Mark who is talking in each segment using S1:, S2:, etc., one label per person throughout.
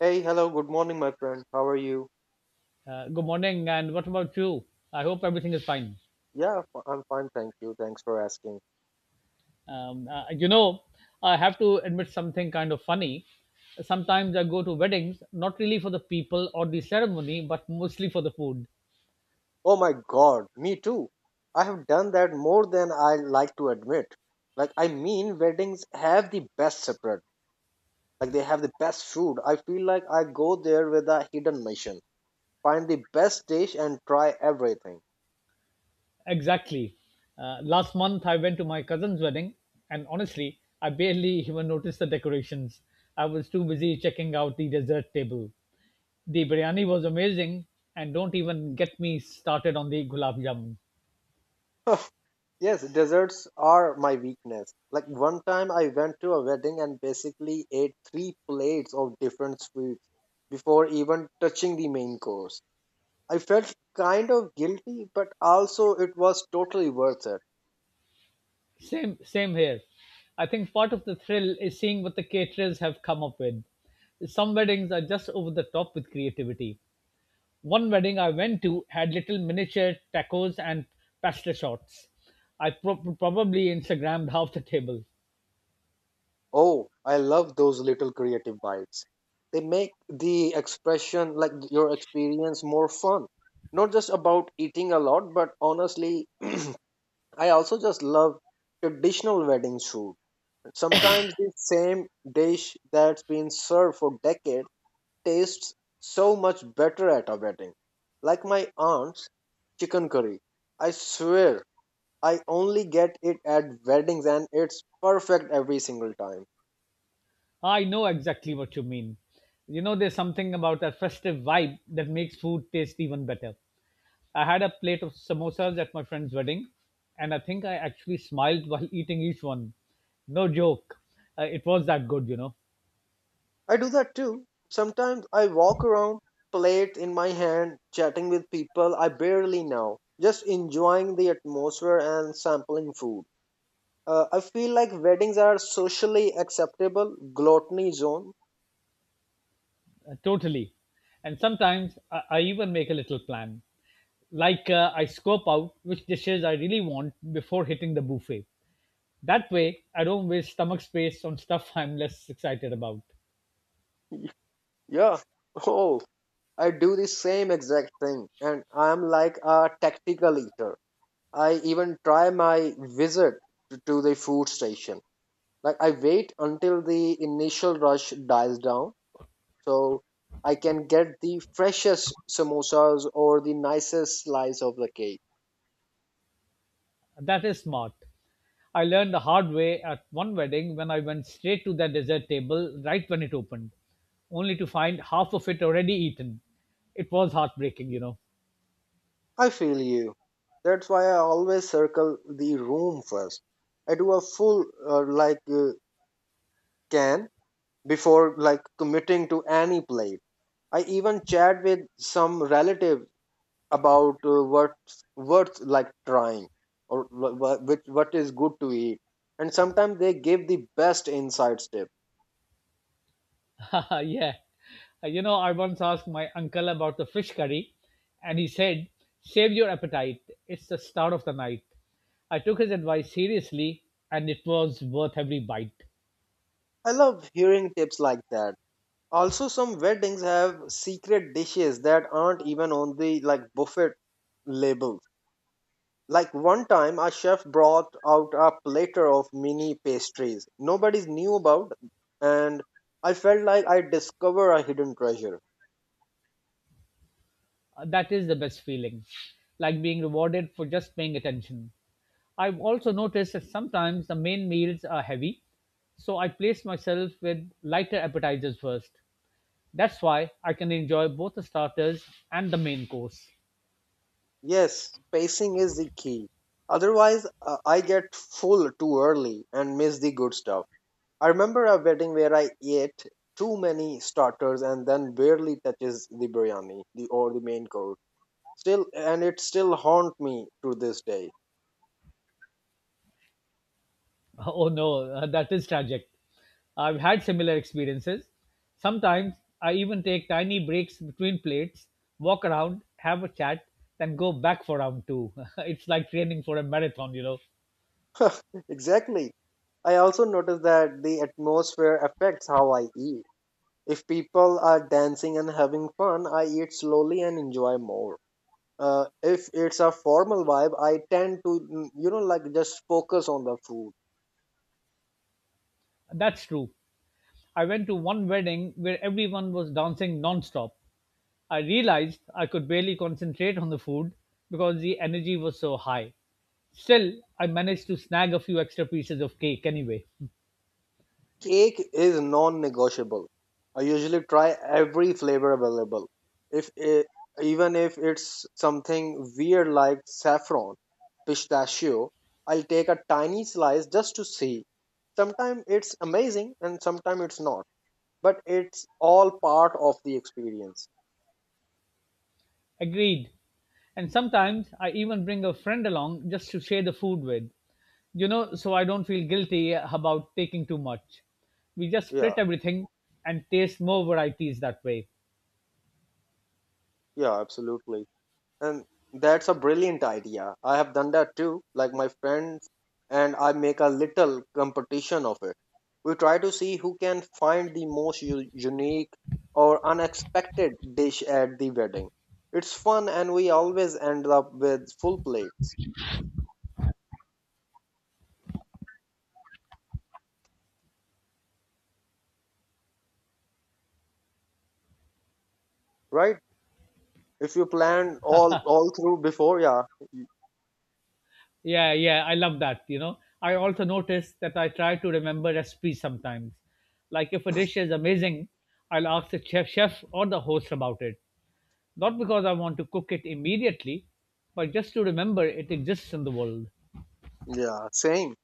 S1: Hey, hello, good morning, my friend. How are you?
S2: Good morning, and what about you? I hope everything is fine.
S1: Yeah, I'm fine, thank you. Thanks for asking.
S2: Um, uh, you know, I have to admit something kind of funny. Sometimes I go to weddings, not really for the people or the ceremony, but mostly for the food.
S1: Oh my god, me too. I have done that more than I like to admit. Like, I mean, weddings have the best separate. Like, they have the best food. I feel like I go there with a hidden mission. Find the best dish and try everything.
S2: Exactly. Last month, I went to my cousin's wedding, and honestly, I barely even noticed the decorations. I was too busy checking out the dessert table. The biryani was amazing, and don't even get me started on the gulab jamun.
S1: Yes, desserts are my weakness. Like one time I went to a wedding and basically ate three plates of different sweets before even touching the main course. I felt kind of guilty, but also it was totally worth it.
S2: Same here. I think part of the thrill is seeing what the caterers have come up with. Some weddings are just over the top with creativity. One wedding I went to had little miniature tacos and pasta shots. I probably Instagrammed half the table.
S1: Oh, I love those little creative bites. They make the expression, like your experience, more fun. Not just about eating a lot, but honestly, I also just love traditional wedding food. Sometimes the same dish that's been served for decades tastes so much better at a wedding. Like my aunt's chicken curry. I swear I only get it at weddings and it's perfect every single time.
S2: I know exactly what you mean. You know, there's something about that festive vibe that makes food taste even better. I had a plate of samosas at my friend's wedding, and I think I actually smiled while eating each one. No joke. It was that good, you know,
S1: I do that too. Sometimes I walk around, plate in my hand, chatting with people I barely know, just enjoying the atmosphere and sampling food. I feel like weddings are socially acceptable gluttony zone.
S2: uh, Totally. And sometimes I even make a little plan. Like I scope out which dishes I really want before hitting the buffet. That way, I don't waste stomach space on stuff I'm less excited about.
S1: Yeah. Oh, I do the same exact thing and I'm like a tactical eater. I even try my visit to the food station. Like, I wait until the initial rush dies down, so I can get the freshest samosas or the nicest slice of the cake.
S2: That is smart. I learned the hard way at one wedding when I went straight to their dessert table right when it opened, only to find half of it already eaten. It was heartbreaking.
S1: I feel you. That's why I always circle the room first. I do a full uh, like uh, can before like committing to any plate. I even chat with some relative about what's like trying or which what is good to eat, and sometimes they give the best insights tip.
S2: Yeah. You know, I once asked my uncle about the fish curry, and he said, save your appetite. It's the start of the night. I took his advice seriously, and it was worth every bite.
S1: I love hearing tips like that. Also some weddings have secret dishes that aren't even on the like buffet labels. Like one time a chef brought out a platter of mini pastries nobody knew about, and I felt like I discovered a hidden treasure.
S2: That is the best feeling, like being rewarded for just paying attention. I've also noticed that sometimes the main meals are heavy, so I place myself with lighter appetizers first. That's why I can enjoy both the starters and the main course.
S1: Yes, pacing is the key. Otherwise, I get full too early and miss the good stuff. I remember a wedding where I ate too many starters and then barely touches the biryani, the or the main course. Still, and it still haunt me to this day.
S2: Oh no, that is tragic. I've had similar experiences. Sometimes I even take tiny breaks between plates, walk around, have a chat, then go back for round two. It's like training for a marathon.
S1: Exactly. I also noticed that the atmosphere affects how I eat. If people are dancing and having fun, I eat slowly and enjoy more. If it's a formal vibe, I tend to like just focus on the food.
S2: That's true. I went to one wedding where everyone was dancing non-stop. I realized I could barely concentrate on the food because the energy was so high. Still, I managed to snag a few extra pieces of cake anyway.
S1: Cake is non-negotiable. I usually try every flavor available. If it, Even if it's something weird like saffron pistachio, I'll take a tiny slice just to see. Sometimes it's amazing and sometimes it's not, but it's all part of the experience.
S2: Agreed. And sometimes I even bring a friend along just to share the food with, so I don't feel guilty about taking too much. We just
S1: Yeah,
S2: split everything and taste more varieties that way.
S1: yeah, absolutely. And that's a brilliant idea. I have done that too. Like, my friends and I make a little competition of it. We try to see who can find the most unique or unexpected dish at the wedding. It's fun and we always end up with full plates, right? If you plan all through before, yeah,
S2: Yeah, yeah, I love that. You know, I also notice that I try to remember recipes sometimes. Like if a dish is amazing, I'll ask the chef or the host about it. Not because I want to cook it immediately, but just to remember it exists in the world.
S1: yeah, same.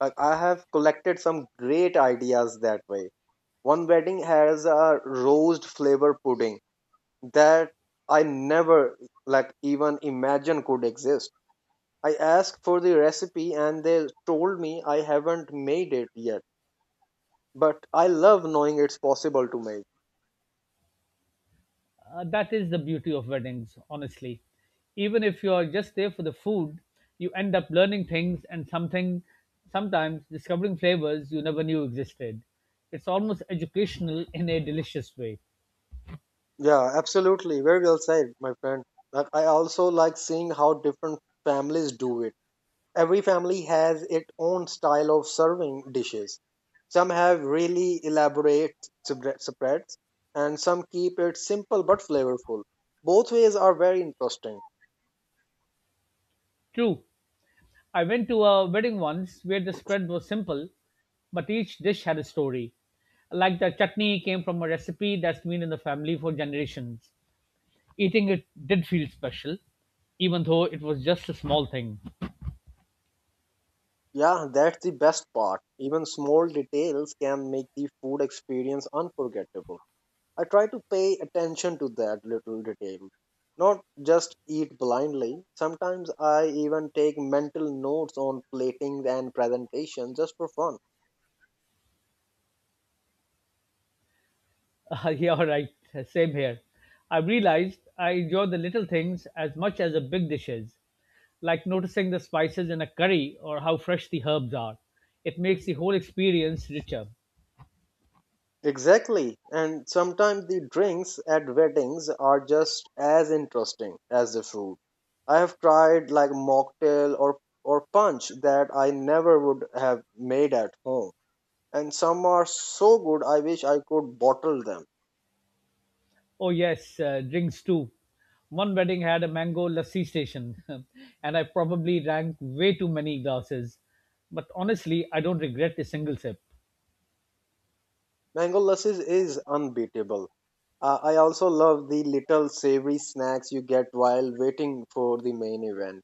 S1: I have collected some great ideas that way. One wedding has a roast flavor pudding that I never like even imagine could exist. I asked for the recipe and they told me I haven't made it yet, but I love knowing it's possible to make.
S2: That is the beauty of weddings, honestly. Even if you are just there for the food, you end up learning things and something, sometimes discovering flavors you never knew existed. It's almost educational in a delicious way.
S1: Yeah, absolutely. Very well said, my friend. Like, I also like seeing how different families do it. Every family has its own style of serving dishes. Some have really elaborate spreads, and some keep it simple but flavorful. Both ways are very interesting.
S2: True. I went to a wedding once where the spread was simple, but each dish had a story. Like the chutney came from a recipe that's been in the family for generations. Eating it did feel special, even though it was just a small thing.
S1: Yeah, that's the best part. Even small details can make the food experience unforgettable. I try to pay attention to that little detail, not just eat blindly. Sometimes I even take mental notes on platings and presentation just for fun.
S2: Yeah, all right, same here. I realized I enjoy the little things as much as the big dishes, like noticing the spices in a curry or how fresh the herbs are. It makes the whole experience richer.
S1: Exactly. And sometimes the drinks at weddings are just as interesting as the food. I have tried like mocktail or punch that I never would have made at home. And some are so good I wish I could bottle them.
S2: Oh yes, drinks too. One wedding had a mango lassi station, and I probably drank way too many glasses. But honestly, I don't regret a single sip.
S1: Mango lassi is unbeatable. I also love the little savory snacks you get while waiting for the main event.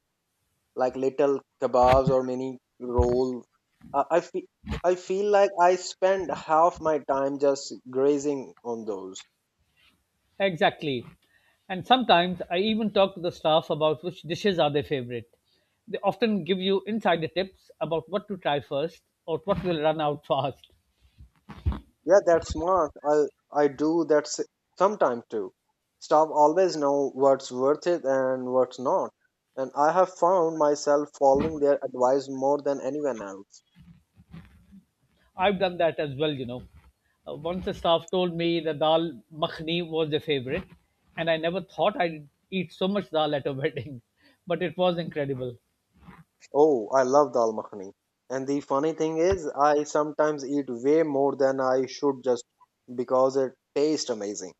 S1: Like little kebabs or mini roll. I, I feel I feel like I spend half my time just grazing on those.
S2: Exactly. And sometimes I even talk to the staff about which dishes are their favorite. They often give you insider tips about what to try first or what will run out fast.
S1: Yeah, that's smart. I do that sometime too. Staff always know what's worth it and what's not. And I have found myself following their advice more than anyone else.
S2: I've done that as well, Once the staff told me the dal makhni was their favorite, and I never thought I'd eat so much dal at a wedding, but it was incredible.
S1: Oh, I love dal makhani. And the funny thing is, I sometimes eat way more than I should just because it tastes amazing,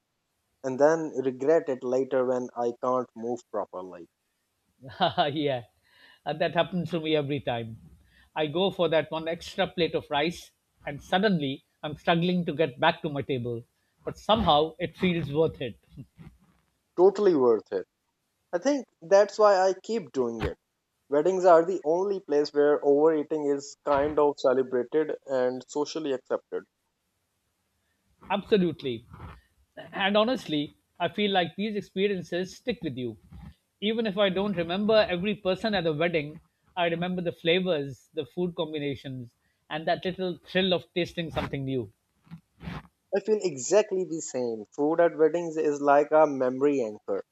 S1: and then regret it later when I can't move properly.
S2: Yeah, that happens to me every time. I go for that one extra plate of rice, and suddenly I'm struggling to get back to my table, but somehow it feels worth it.
S1: Totally worth it. I think that's why I keep doing it. Weddings are the only place where overeating is kind of celebrated and socially accepted.
S2: Absolutely. And honestly, I feel like these experiences stick with you. Even if I don't remember every person at the wedding, I remember the flavors, the food combinations, and that little thrill of tasting something new.
S1: I feel exactly the same. Food at weddings is like a memory anchor.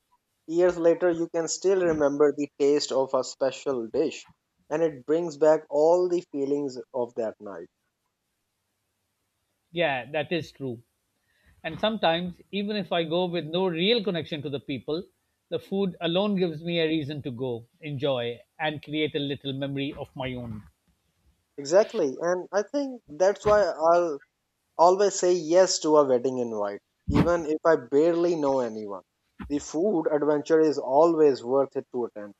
S1: Years later, you can still remember the taste of a special dish, and it brings back all the feelings of that night.
S2: Yeah, that is true. And sometimes, even if I go with no real connection to the people, the food alone gives me a reason to go, enjoy, and create a little memory of my own.
S1: Exactly, and I think that's why I'll always say yes to a wedding invite, even if I barely know anyone. The food adventure is always worth it to attend.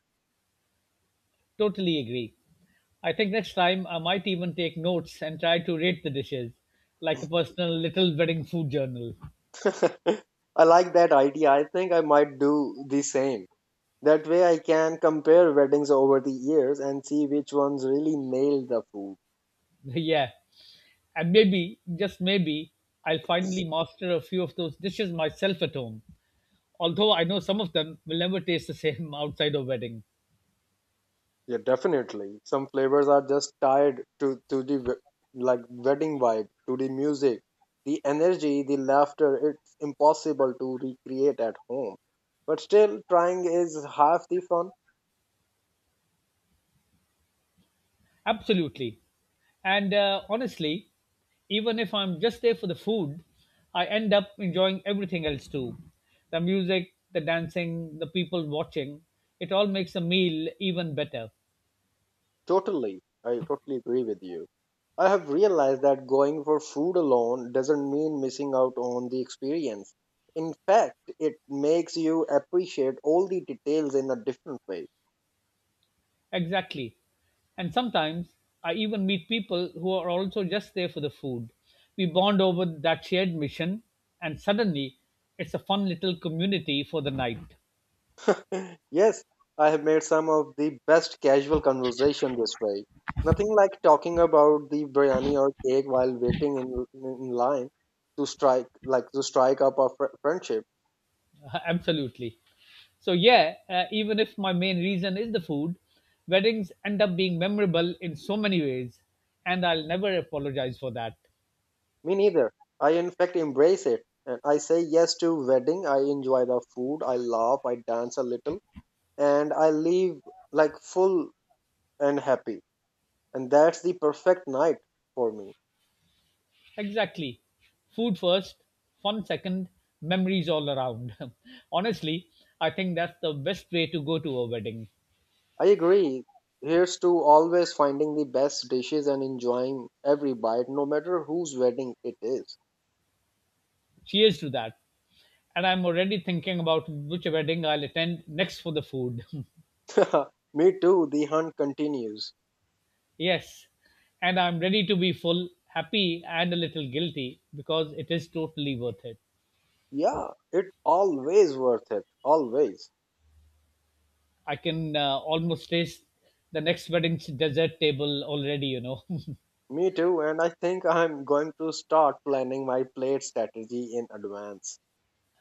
S2: Totally agree. I think next time I might even take notes and try to rate the dishes, like a personal little wedding food journal.
S1: I like that idea. I think I might do the same. That way, I can compare weddings over the years and see which ones really nailed the food.
S2: Yeah. And maybe, just maybe, I'll finally master a few of those dishes myself at home. Although I know some of them will never taste the same outside of wedding.
S1: Yeah, definitely. Some flavors are just tied to the like wedding vibe, to the music, the energy, the laughter. It's impossible to recreate at home. But still, trying is half the fun.
S2: Absolutely. And honestly, even if I'm just there for the food, I end up enjoying everything else too. The music, the dancing, the people watching, it all makes a meal even better.
S1: Totally. I totally agree with you. I have realized that going for food alone doesn't mean missing out on the experience. In fact, it makes you appreciate all the details in a different way.
S2: Exactly. And sometimes I even meet people who are also just there for the food. We bond over that shared mission, and suddenly it's a fun little community for the night.
S1: Yes, I have made some of the best casual conversation this way. Nothing like talking about the biryani or cake while waiting in line to strike like to strike up a friendship.
S2: Absolutely. So, yeah, even if my main reason is the food, weddings end up being memorable in so many ways, and I'll never apologize for that.
S1: Me neither. I in fact embrace it. And I say yes to wedding. I enjoy the food. I laugh. I dance a little, and I leave like full and happy. And that's the perfect night for me.
S2: Exactly. Food first, fun second, memories all around. Honestly, I think that's the best way to go to a wedding.
S1: I agree. Here's to always finding the best dishes and enjoying every bite, no matter whose wedding it is.
S2: Cheers to that. And I'm already thinking about which wedding I'll attend next for the food.
S1: Me too, the hunt continues.
S2: Yes. And I'm ready to be full, happy, and a little guilty because it is totally worth it.
S1: Yeah, it always worth it. Always.
S2: I can almost taste the next wedding's dessert table already, you know.
S1: Me too, and I think I'm going to start planning my plate strategy in advance.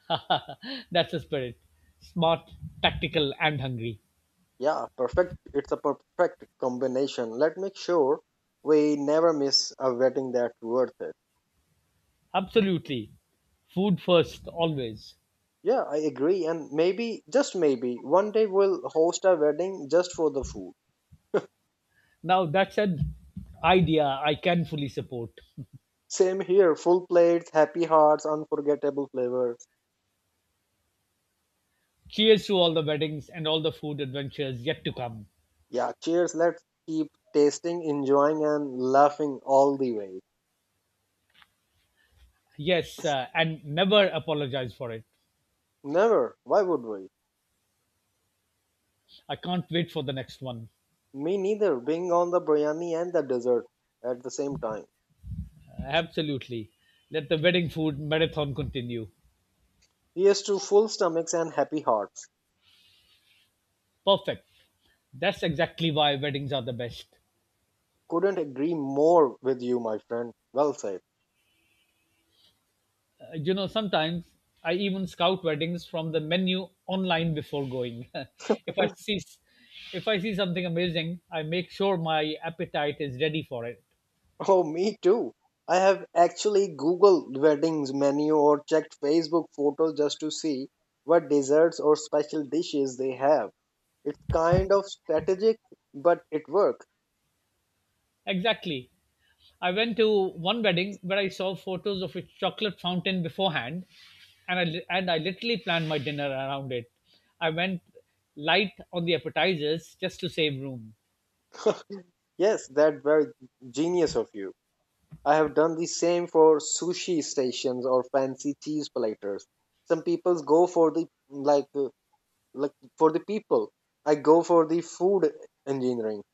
S2: That's the spirit. Smart, tactical, and hungry.
S1: Yeah, perfect. It's a perfect combination. Let's make sure we never miss a wedding that's worth it.
S2: Absolutely. Food first, always.
S1: Yeah, I agree. And maybe, just maybe, one day we'll host a wedding just for the food.
S2: Now, that's an idea I can fully support.
S1: Same here, full plates, happy hearts, unforgettable flavors.
S2: Cheers to all the weddings and all the food adventures yet to come.
S1: Yeah, cheers. Let's keep tasting, enjoying, and laughing all the way.
S2: Yes, and never apologize for it.
S1: Never. Why would we?
S2: I can't wait for the next one.
S1: Me neither. Being on the biryani and the dessert at the same time.
S2: Absolutely. Let the wedding food marathon continue.
S1: Here's to full stomachs and happy hearts.
S2: Perfect. That's exactly why weddings are the best.
S1: Couldn't agree more with you, my friend. Well said.
S2: You know, sometimes I even scout weddings from the menu online before going. if I see if I see something amazing, I make sure my appetite is ready for it.
S1: Oh, me too. I have actually Googled weddings menu or checked Facebook photos just to see what desserts or special dishes they have. It's kind of strategic, but it works.
S2: Exactly. I went to one wedding where I saw photos of a chocolate fountain beforehand, and I literally planned my dinner around it. I went light on the appetizers just to save room.
S1: Yes, that's very genius of you. I have done the same for sushi stations or fancy cheese platters. Some people go for the like for the people. I go for the food engineering.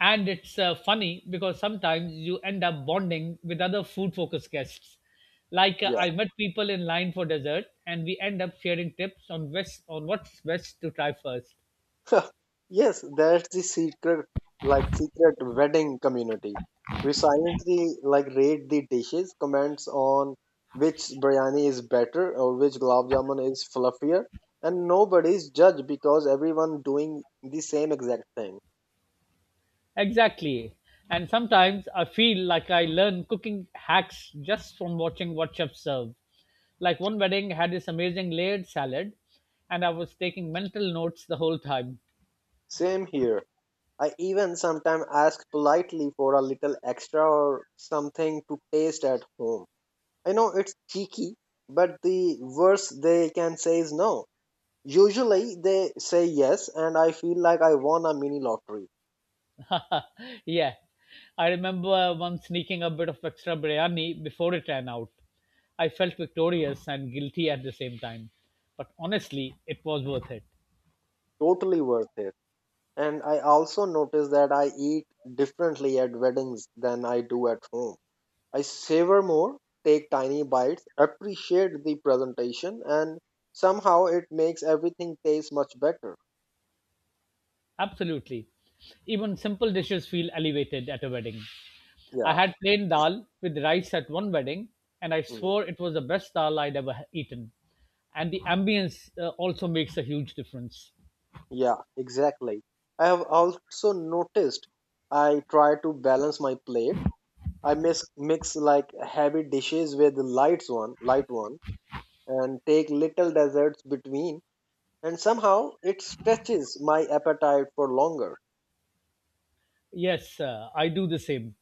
S2: And it's funny because sometimes you end up bonding with other food-focused guests. Like I met people in line for dessert, and we end up sharing tips on best on what's best to try first.
S1: Yes, that's the secret, like secret wedding community. We silently like rate the dishes, comments on which biryani is better or which gulab jamun is fluffier, and nobody's judged because everyone doing the same exact thing.
S2: Exactly. And sometimes I feel like I learn cooking hacks just from watching what chefs serve. Like one wedding had this amazing layered salad, and I was taking mental notes the whole time.
S1: Same here. I even sometimes ask politely for a little extra or something to taste at home. I know it's cheeky, but the worst they can say is no. Usually they say yes, and I feel like I won a mini lottery.
S2: Yeah. I remember once sneaking a bit of extra biryani before it ran out. I felt victorious and guilty at the same time. But honestly, it was worth it.
S1: Totally worth it. And I also notice that I eat differently at weddings than I do at home. I savor more, take tiny bites, appreciate the presentation, and somehow it makes everything taste much better.
S2: Absolutely. Even simple dishes feel elevated at a wedding. I
S1: Yeah.
S2: had plain dal with rice at one wedding, and I
S1: mm,
S2: swore it was the best dal I'd ever eaten. And the ambience also makes a huge difference.
S1: Yeah, exactly. I have also noticed I try to balance my plate. I mix like heavy dishes with light one and take little deserts between, and somehow it stretches my appetite for longer.
S2: Yes, I do the same.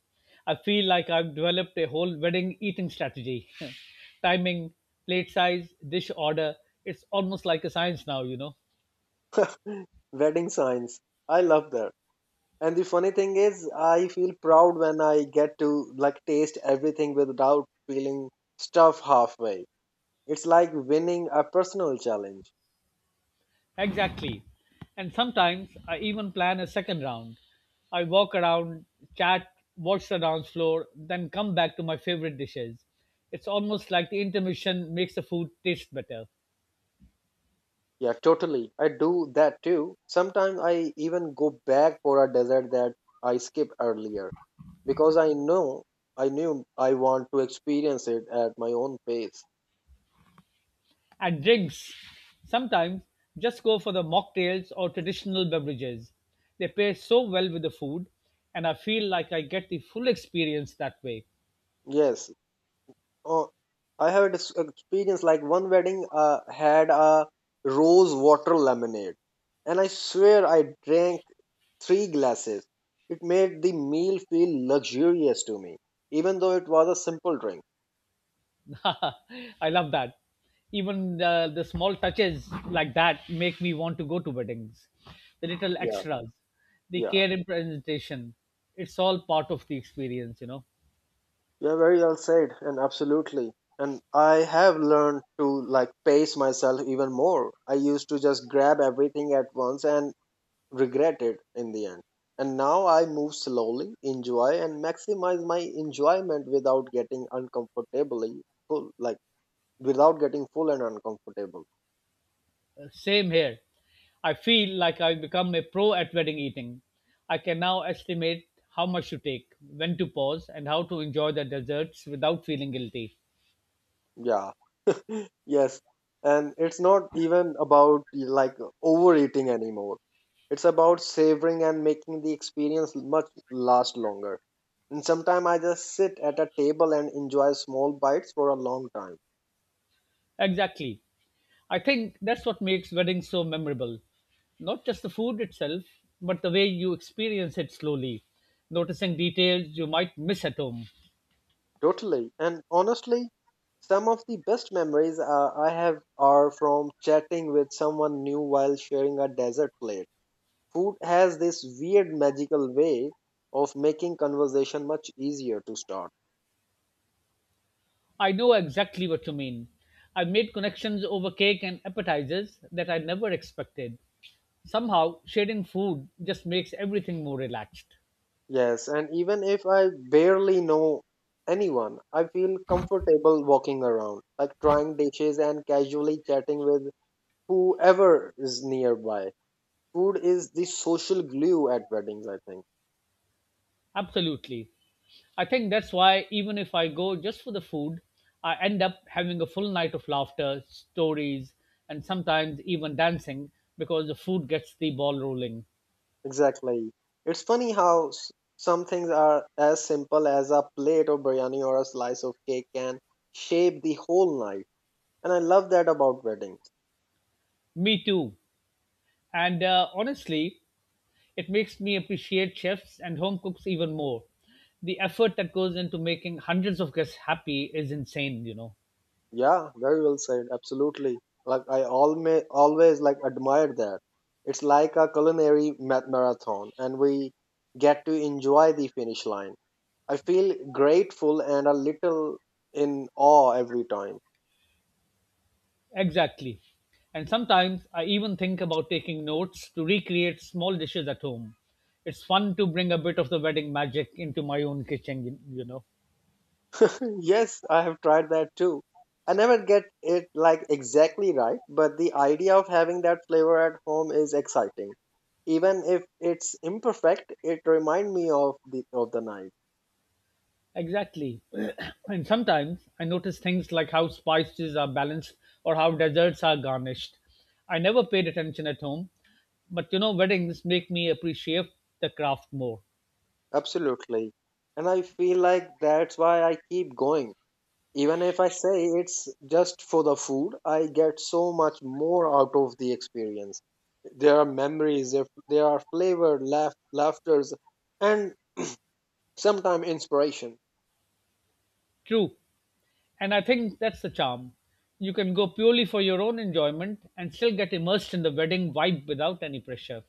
S2: I feel like I've developed a whole wedding eating strategy. Timing, plate size, dish order. It's almost like a science now, you know.
S1: Wedding signs. I love that. And the funny thing is, I feel proud when I get to like taste everything without feeling stuff halfway. It's like winning a personal challenge.
S2: Exactly. And sometimes I even plan a second round. I walk around, chat, watch the dance floor, then come back to my favorite dishes. It's almost like the intermission makes the food taste better.
S1: Yeah, totally. I do that too. Sometimes I even go back for a dessert that I skipped earlier because I knew I want to experience it at my own pace.
S2: And drinks. Sometimes just go for the mocktails or traditional beverages. They pair so well with the food, and I feel like I get the full experience that way.
S1: Yes. Oh, I have experience like one wedding had a rose water lemonade, and I swear I drank 3 glasses. It made the meal feel luxurious to me, even though it was a simple drink.
S2: I love that. Even the small touches like that make me want to go to weddings. The little
S1: Yeah,
S2: extras, the
S1: yeah,
S2: care in presentation, it's all part of the experience, you know.
S1: yeah. Very well said, and absolutely. And I have learned to like pace myself even more. I used to just grab everything at once and regret it in the end. And now I move slowly, enjoy, and maximize my enjoyment without getting uncomfortably full, like without getting full and uncomfortable.
S2: Same here. I feel like I've become a pro at wedding eating. I can now estimate how much to take, when to pause, and how to enjoy the desserts without feeling guilty.
S1: Yeah, yes. And it's not even about like overeating anymore. It's about savoring and making the experience much last longer. And sometimes I just sit at a table and enjoy small bites for a long time.
S2: Exactly. I think that's what makes weddings so memorable. Not just the food itself, but the way you experience it slowly, noticing details you might miss at home.
S1: Totally. And honestly, some of the best memories I have are from chatting with someone new while sharing a dessert plate. Food has this weird magical way of making conversation much easier to start.
S2: I know exactly what you mean. I made connections over cake and appetizers that I never expected. Somehow, sharing food just makes everything more relaxed.
S1: Yes, and even if I barely know anyone, I feel comfortable walking around, like trying dishes and casually chatting with whoever is nearby. Food is the social glue at weddings, I think.
S2: Absolutely. I think that's why, even if I go just for the food, I end up having a full night of laughter, stories, and sometimes even dancing because the food gets the ball rolling.
S1: Exactly. It's funny how some things are as simple as a plate of biryani or a slice of cake can shape the whole night. And I love that about weddings.
S2: Me too. And honestly, it makes me appreciate chefs and home cooks even more. The effort that goes into making hundreds of guests happy is insane, you know.
S1: Yeah, very well said. Absolutely. Like I always like admired that. It's like a culinary marathon and we get to enjoy the finish line. I feel grateful and a little in awe every time.
S2: Exactly. And sometimes I even think about taking notes to recreate small dishes at home. It's fun to bring a bit of the wedding magic into my own kitchen, you know.
S1: Yes, I have tried that too. I never get it like exactly right, but the idea of having that flavor at home is exciting. Even if it's imperfect, it reminds me of the night.
S2: Exactly. And sometimes I notice things like how spices are balanced or how desserts are garnished. I never paid attention at home, but you know, weddings make me appreciate the craft more.
S1: Absolutely. And I feel like that's why I keep going. Even if I say it's just for the food, I get so much more out of the experience. There are memories, there are flavor, laugh, laughters, and sometimes inspiration.
S2: True. And I think that's the charm. You can go purely for your own enjoyment and still get immersed in the wedding vibe without any pressure.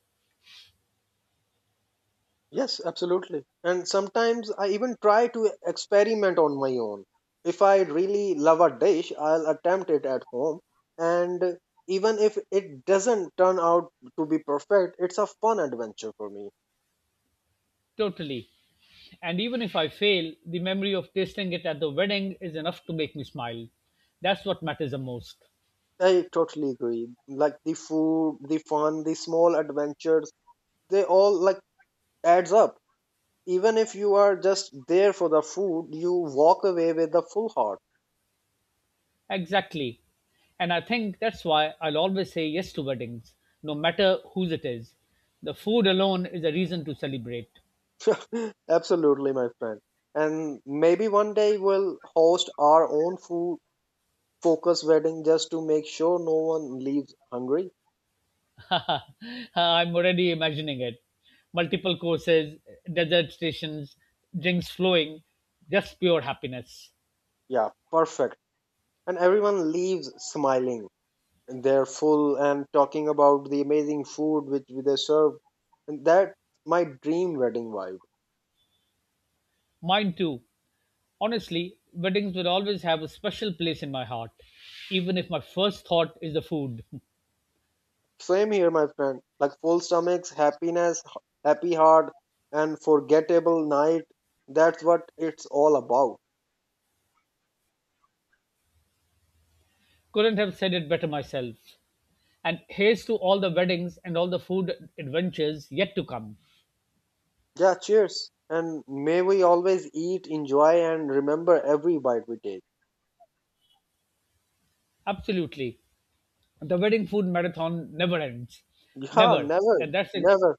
S1: Yes, absolutely. And sometimes I even try to experiment on my own. If I really love a dish, I'll attempt it at home. And even if it doesn't turn out to be perfect, it's a fun adventure for me.
S2: Totally. And even if I fail, the memory of tasting it at the wedding is enough to make me smile. That's what matters the most.
S1: I totally agree. Like the food, the fun, the small adventures, they all like adds up. Even if you are just there for the food, you walk away with a full heart.
S2: Exactly. And I think that's why I'll always say yes to weddings, no matter whose it is. The food alone is a reason to celebrate.
S1: Absolutely, my friend. And maybe one day we'll host our own food focus wedding just to make sure no one leaves hungry.
S2: I'm already imagining it. Multiple courses, desert stations, drinks flowing, just pure happiness.
S1: Yeah, perfect. And everyone leaves smiling. And they're full and talking about the amazing food which they serve. And that's my dream wedding vibe.
S2: Mine too. Honestly, weddings will always have a special place in my heart, even if my first thought is the food.
S1: Same here, my friend. Like full stomachs, happiness, happy heart, and forgettable night. That's what it's all about.
S2: Couldn't have said it better myself. And here's to all the weddings and all the food adventures yet to come.
S1: Yeah, cheers. And may we always eat, enjoy, and remember every bite we take.
S2: Absolutely. The wedding food marathon never ends.
S1: Yeah,
S2: Never.
S1: never,
S2: And that's.
S1: never.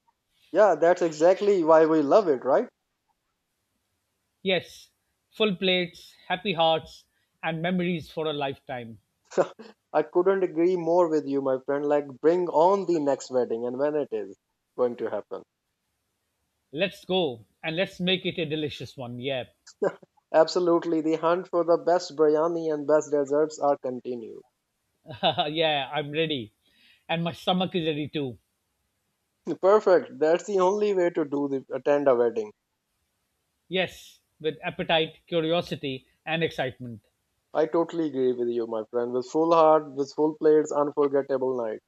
S1: Yeah, that's exactly why we love it, right?
S2: Yes, full plates, happy hearts, and memories for a lifetime.
S1: I couldn't agree more with you, my friend. Like, bring on the next wedding and when it is going to happen.
S2: Let's go and let's make it a delicious one. Yeah,
S1: Absolutely, the hunt for the best biryani and best desserts are continued.
S2: yeah, I'm ready. And my stomach is ready too.
S1: Perfect. That's the only way to do the attend a wedding.
S2: Yes, with appetite, curiosity, and excitement.
S1: I totally agree with you, my friend. With full heart, with full plates, unforgettable night.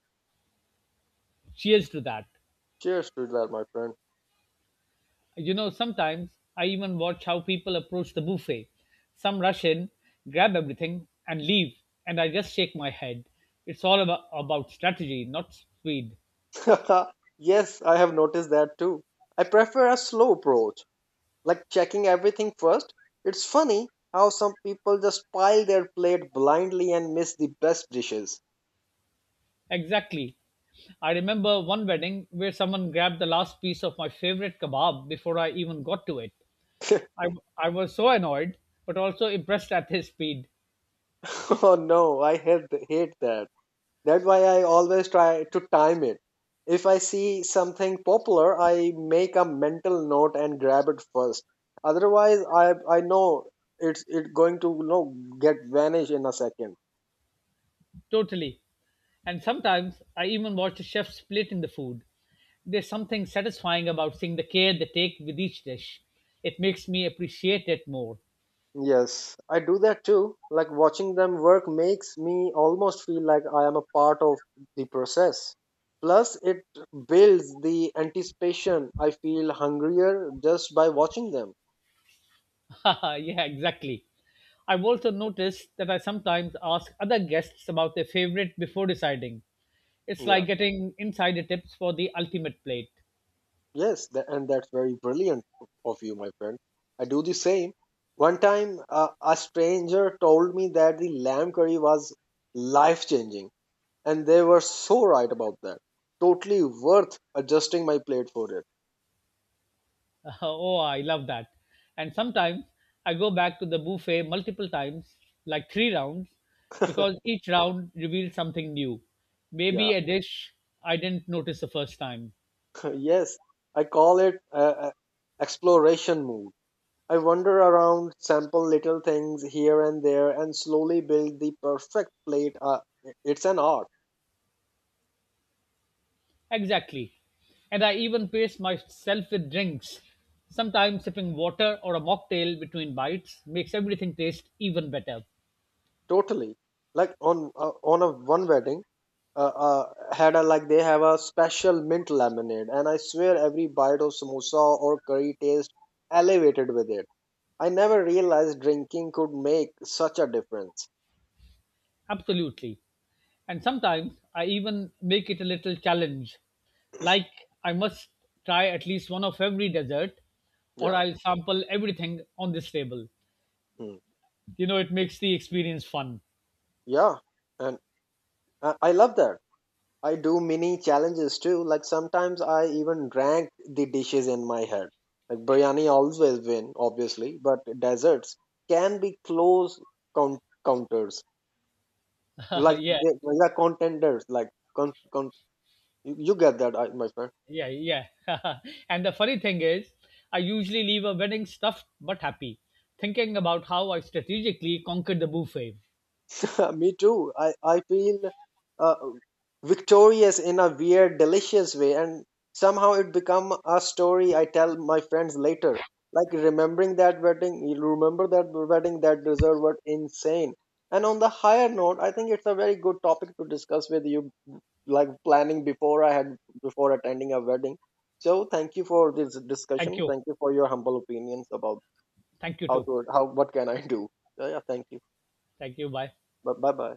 S2: Cheers to that.
S1: Cheers to that, my friend.
S2: You know, sometimes I even watch how people approach the buffet. Some rush in, grab everything, and leave, and I just shake my head. It's all about strategy, not speed.
S1: Yes, I have noticed that too. I prefer a slow approach, like checking everything first. It's funny how some people just pile their plate blindly and miss the best dishes.
S2: Exactly. I remember one wedding where someone grabbed the last piece of my favorite kebab before I even got to it. I, I was so annoyed, but also impressed at his speed.
S1: Oh no, I hate, hate that. That's why I always try to time it. If I see something popular, I make a mental note and grab it first. Otherwise, I know it's it going to get vanish in a second.
S2: Totally. And sometimes I even watch the chef splitting the food. There's something satisfying about seeing the care they take with each dish. It makes me appreciate it more.
S1: Yes, I do that too. Like watching them work makes me almost feel like I am a part of the process. Plus, it builds the anticipation. I feel hungrier just by watching them.
S2: Yeah, exactly. I've also noticed that I sometimes ask other guests about their favorite before deciding. It's
S1: Yeah,
S2: like getting insider tips for the ultimate plate.
S1: yes, and that's very brilliant of you, my friend. I do the same. One time, a stranger told me that the lamb curry was life changing, and they were so right about that. Totally worth adjusting my plate for it.
S2: Oh, I love that. And sometimes I go back to the buffet multiple times, like three rounds, because each round reveals something new.
S1: Yeah.
S2: Maybe a dish I didn't notice the first time.
S1: Yes, I call it exploration mode. I wander around, sample little things here and there, and slowly build the perfect plate. It's an art,
S2: Exactly. And I even pace myself with drinks. Sometimes sipping water or a mocktail between bites makes everything taste even better.
S1: totally. Like on a one wedding, uh, uh, had a like they have a special mint lemonade, and I swear every bite of samosa or curry taste elevated with it. I never realized drinking could make such a difference.
S2: Absolutely. And sometimes I even make it a little challenge. Like I must try at least one of every dessert or
S1: Yeah.
S2: I'll sample everything on this table.
S1: Hmm.
S2: You know, it makes the experience fun.
S1: Yeah, and I love that I do mini challenges too. Like sometimes I even rank the dishes in my head. Like biryani always win, obviously, but desserts can be close counters. Like
S2: yeah,
S1: they are contenders. Like con- con- you you get that, my friend.
S2: yeah, yeah. And the funny thing is, I usually leave a wedding stuffed but happy, thinking about how I strategically conquered the buffet.
S1: Me too. I feel uh, victorious in a weird, delicious way, and somehow it become a story I tell my friends later. Like remembering that wedding, you remember that wedding, that dessert was insane. And on the higher note, I think it's a very good topic to discuss with you, like planning before I had before attending a wedding. So thank you for this
S2: Thank
S1: discussion.
S2: you.
S1: Thank you for your humble opinions about
S2: Thank you
S1: how
S2: too.
S1: to how what can I do. So yeah, thank you.
S2: Thank you. Bye.
S1: Bye bye.